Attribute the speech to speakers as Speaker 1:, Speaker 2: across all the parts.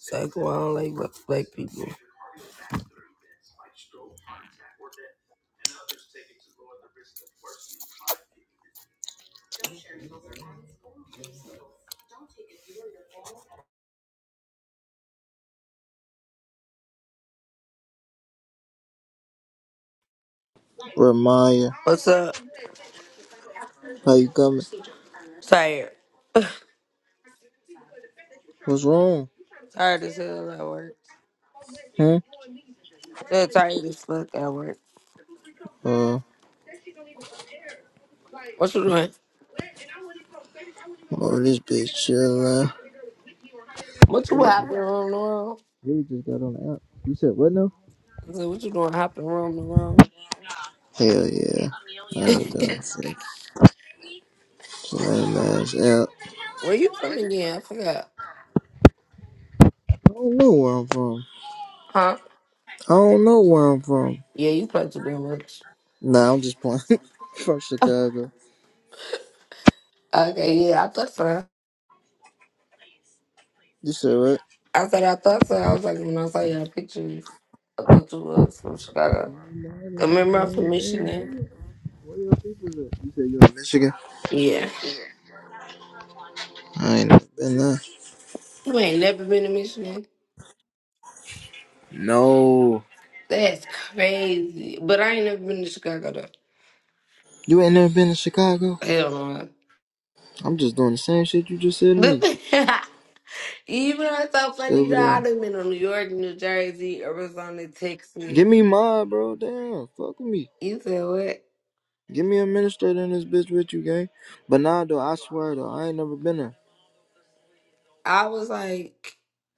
Speaker 1: It's like, well, I don't like black black people.
Speaker 2: Ramaya,
Speaker 1: What's up?
Speaker 2: how you coming?
Speaker 1: Tired.
Speaker 2: What's wrong?
Speaker 1: Tired as hell at work.
Speaker 2: Hmm?
Speaker 1: Still tired as fuck at work.
Speaker 2: Uh,
Speaker 1: What you doing?
Speaker 2: oh, this bitch chilling.
Speaker 1: What you hopping around the room?
Speaker 2: You just got on the app. You said what now?
Speaker 1: I said, what you doing hopping around the room?
Speaker 2: Hell yeah. I ain't doing shit. Lame ass app.
Speaker 1: Where you from again? I forgot.
Speaker 2: I don't know where I'm from.
Speaker 1: Huh?
Speaker 2: I don't know where I'm from.
Speaker 1: Yeah, you play too damn much.
Speaker 2: Nah, I'm just playing. from Chicago.
Speaker 1: Okay, yeah, I thought so.
Speaker 2: You said what?
Speaker 1: I said I thought so. I was like, when I saw your pictures, I thought you was from Chicago.
Speaker 2: Nah, I didn't-
Speaker 1: Remember I'm from Michigan?
Speaker 2: Where your people at? You said you are in Michigan?
Speaker 1: Yeah.
Speaker 2: I ain't never been there.
Speaker 1: You ain't never been to Michigan?
Speaker 2: No.
Speaker 1: That's crazy. But I ain't never been to Chicago though.
Speaker 2: You ain't never been to Chicago?
Speaker 1: Hell no.
Speaker 2: I'm just doing the same shit you just said to
Speaker 1: But
Speaker 2: me.
Speaker 1: Even though it's so
Speaker 2: Stay
Speaker 1: funny
Speaker 2: over
Speaker 1: though,
Speaker 2: there.
Speaker 1: I done been to New York, New Jersey, Arizona, Texas.
Speaker 2: Give me mine, bro. Damn, fuck with me.
Speaker 1: You said what?
Speaker 2: Give me a administrator in this bitch with you, gang. But nah, though, I swear though, I ain't never been there.
Speaker 1: I was like,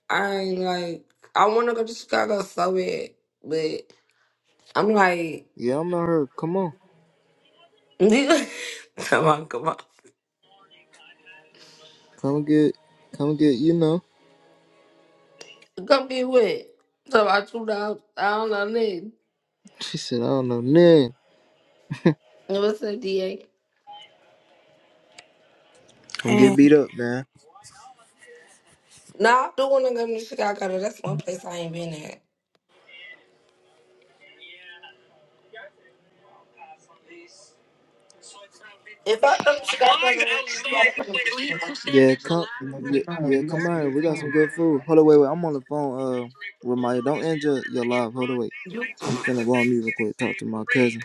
Speaker 1: I ain't like, I want to go to Chicago so bad, but I'm like,
Speaker 2: Yeah, I'm at her. Come on,
Speaker 1: come on, come on,
Speaker 2: come get, come get. You know.
Speaker 1: come get wet. So I two out, I don't know nothing.
Speaker 2: She said, I don't know, man.
Speaker 1: What's up, DA?
Speaker 2: Come
Speaker 3: Hey,
Speaker 2: get beat up, man.
Speaker 1: Nah, I do want to go to Chicago. Though. That's one place I ain't been at. If I come to Chicago, then you gotta come to
Speaker 2: Yeah, come, yeah, yeah, come out here. We got some good food. Hold on, wait, wait. I'm on the phone. Uh, with my don't end your, your live. Hold on, wait. I'm finna go on mute real quick. Talk to my cousin.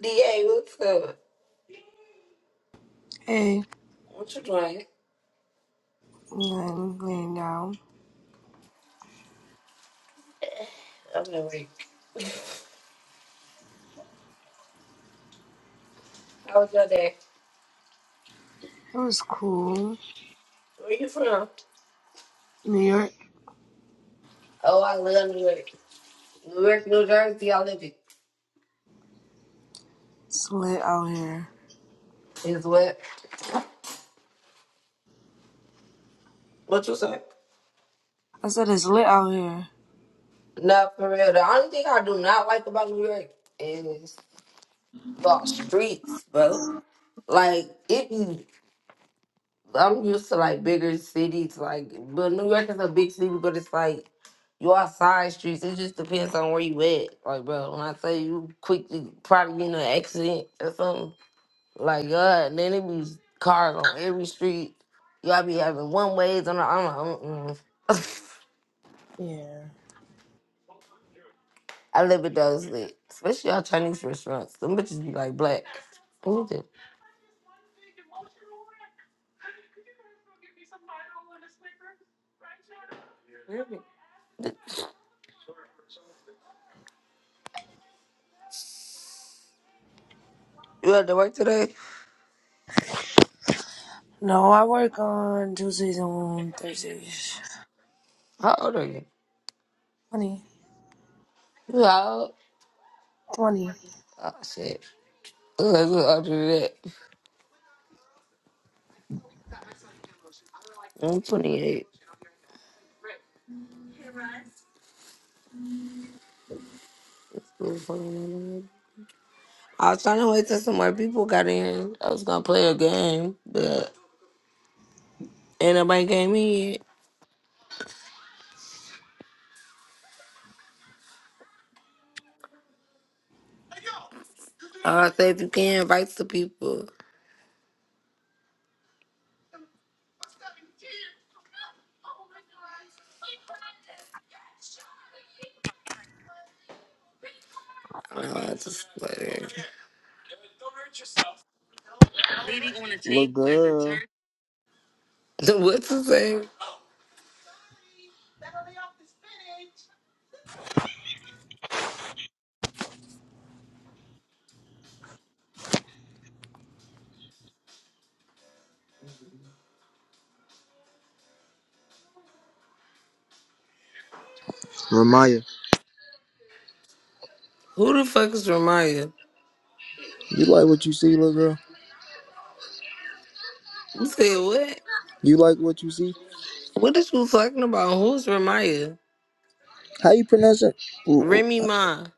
Speaker 1: DA. What's up?
Speaker 3: hey,
Speaker 1: What you doing?
Speaker 3: I'm laying down.
Speaker 1: I'm in York. How was your day?
Speaker 3: It was cool.
Speaker 1: Where you from?
Speaker 3: New York,
Speaker 1: Oh, I live in New York. New York, New Jersey, I live it.
Speaker 3: it's lit out here.
Speaker 1: Is what? What you say?
Speaker 3: I said it's lit out here.
Speaker 1: Nah, for real. The only thing I do not like about New York is the streets, bro. Like, it be I'm used to like bigger cities, like but New York is a big city, but it's like you all side streets. It just depends on where you at. Like bro, when I say you quickly probably get in an accident or something, like God, then it be cars on every street. Y'all be having one ways on the I'm like, mm-mm.
Speaker 3: Yeah.
Speaker 1: I live with those lit. Especially y'all Chinese restaurants. Them bitches be like black. Who the- You had to work today?
Speaker 3: No, I work on Tuesdays and Thursdays.
Speaker 1: How old are you?
Speaker 3: 20,
Speaker 1: You how old?
Speaker 3: 20.
Speaker 1: Oh shit. Let's go after that. I'm 28. i was trying to wait till some more people got in. I was gonna play a game, but ain't nobody came in. I say if you can invite some people. I don't know, I just like
Speaker 2: Look good.
Speaker 1: what to say?
Speaker 2: Ramaya.
Speaker 1: Who the fuck is Ramaya?
Speaker 2: You like what you see, little girl?
Speaker 1: You said what?
Speaker 2: You like what you see?
Speaker 1: What is you talking about? Who's Ramaya?
Speaker 2: How you pronounce it? Ooh, ooh.
Speaker 1: Remy Ma.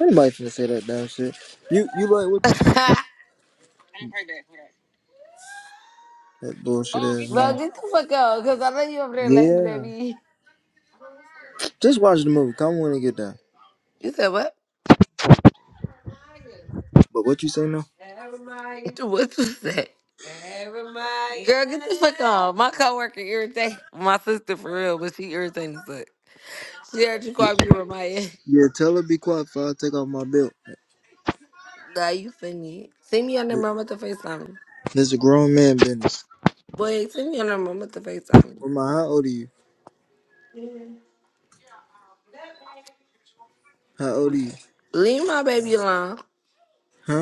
Speaker 2: Anybody finna say that damn shit? You you like what you see? That bullshit ass
Speaker 1: Bro,
Speaker 2: man.
Speaker 1: get the fuck out, cause I know you over there laughing at
Speaker 2: Yeah.
Speaker 1: me.
Speaker 2: Just watch the movie. Come on and get down.
Speaker 1: You said what?
Speaker 2: But what you say now?
Speaker 1: What you say? Girl, get the fuck on. My coworker irritated my sister for real, but she irritating as fuck. She heard you
Speaker 2: Yeah,
Speaker 1: call me Ramaya.
Speaker 2: yeah, tell her be quiet before I take off my belt.
Speaker 1: Nah, you funny. Send me your number, I'm at the FaceTime. you.
Speaker 2: This is a grown man business.
Speaker 1: Boy, send me your number, I'm at the FaceTime. you.
Speaker 2: Well, my, how old are you? How old are you?
Speaker 1: Leave my baby alone.
Speaker 2: Huh?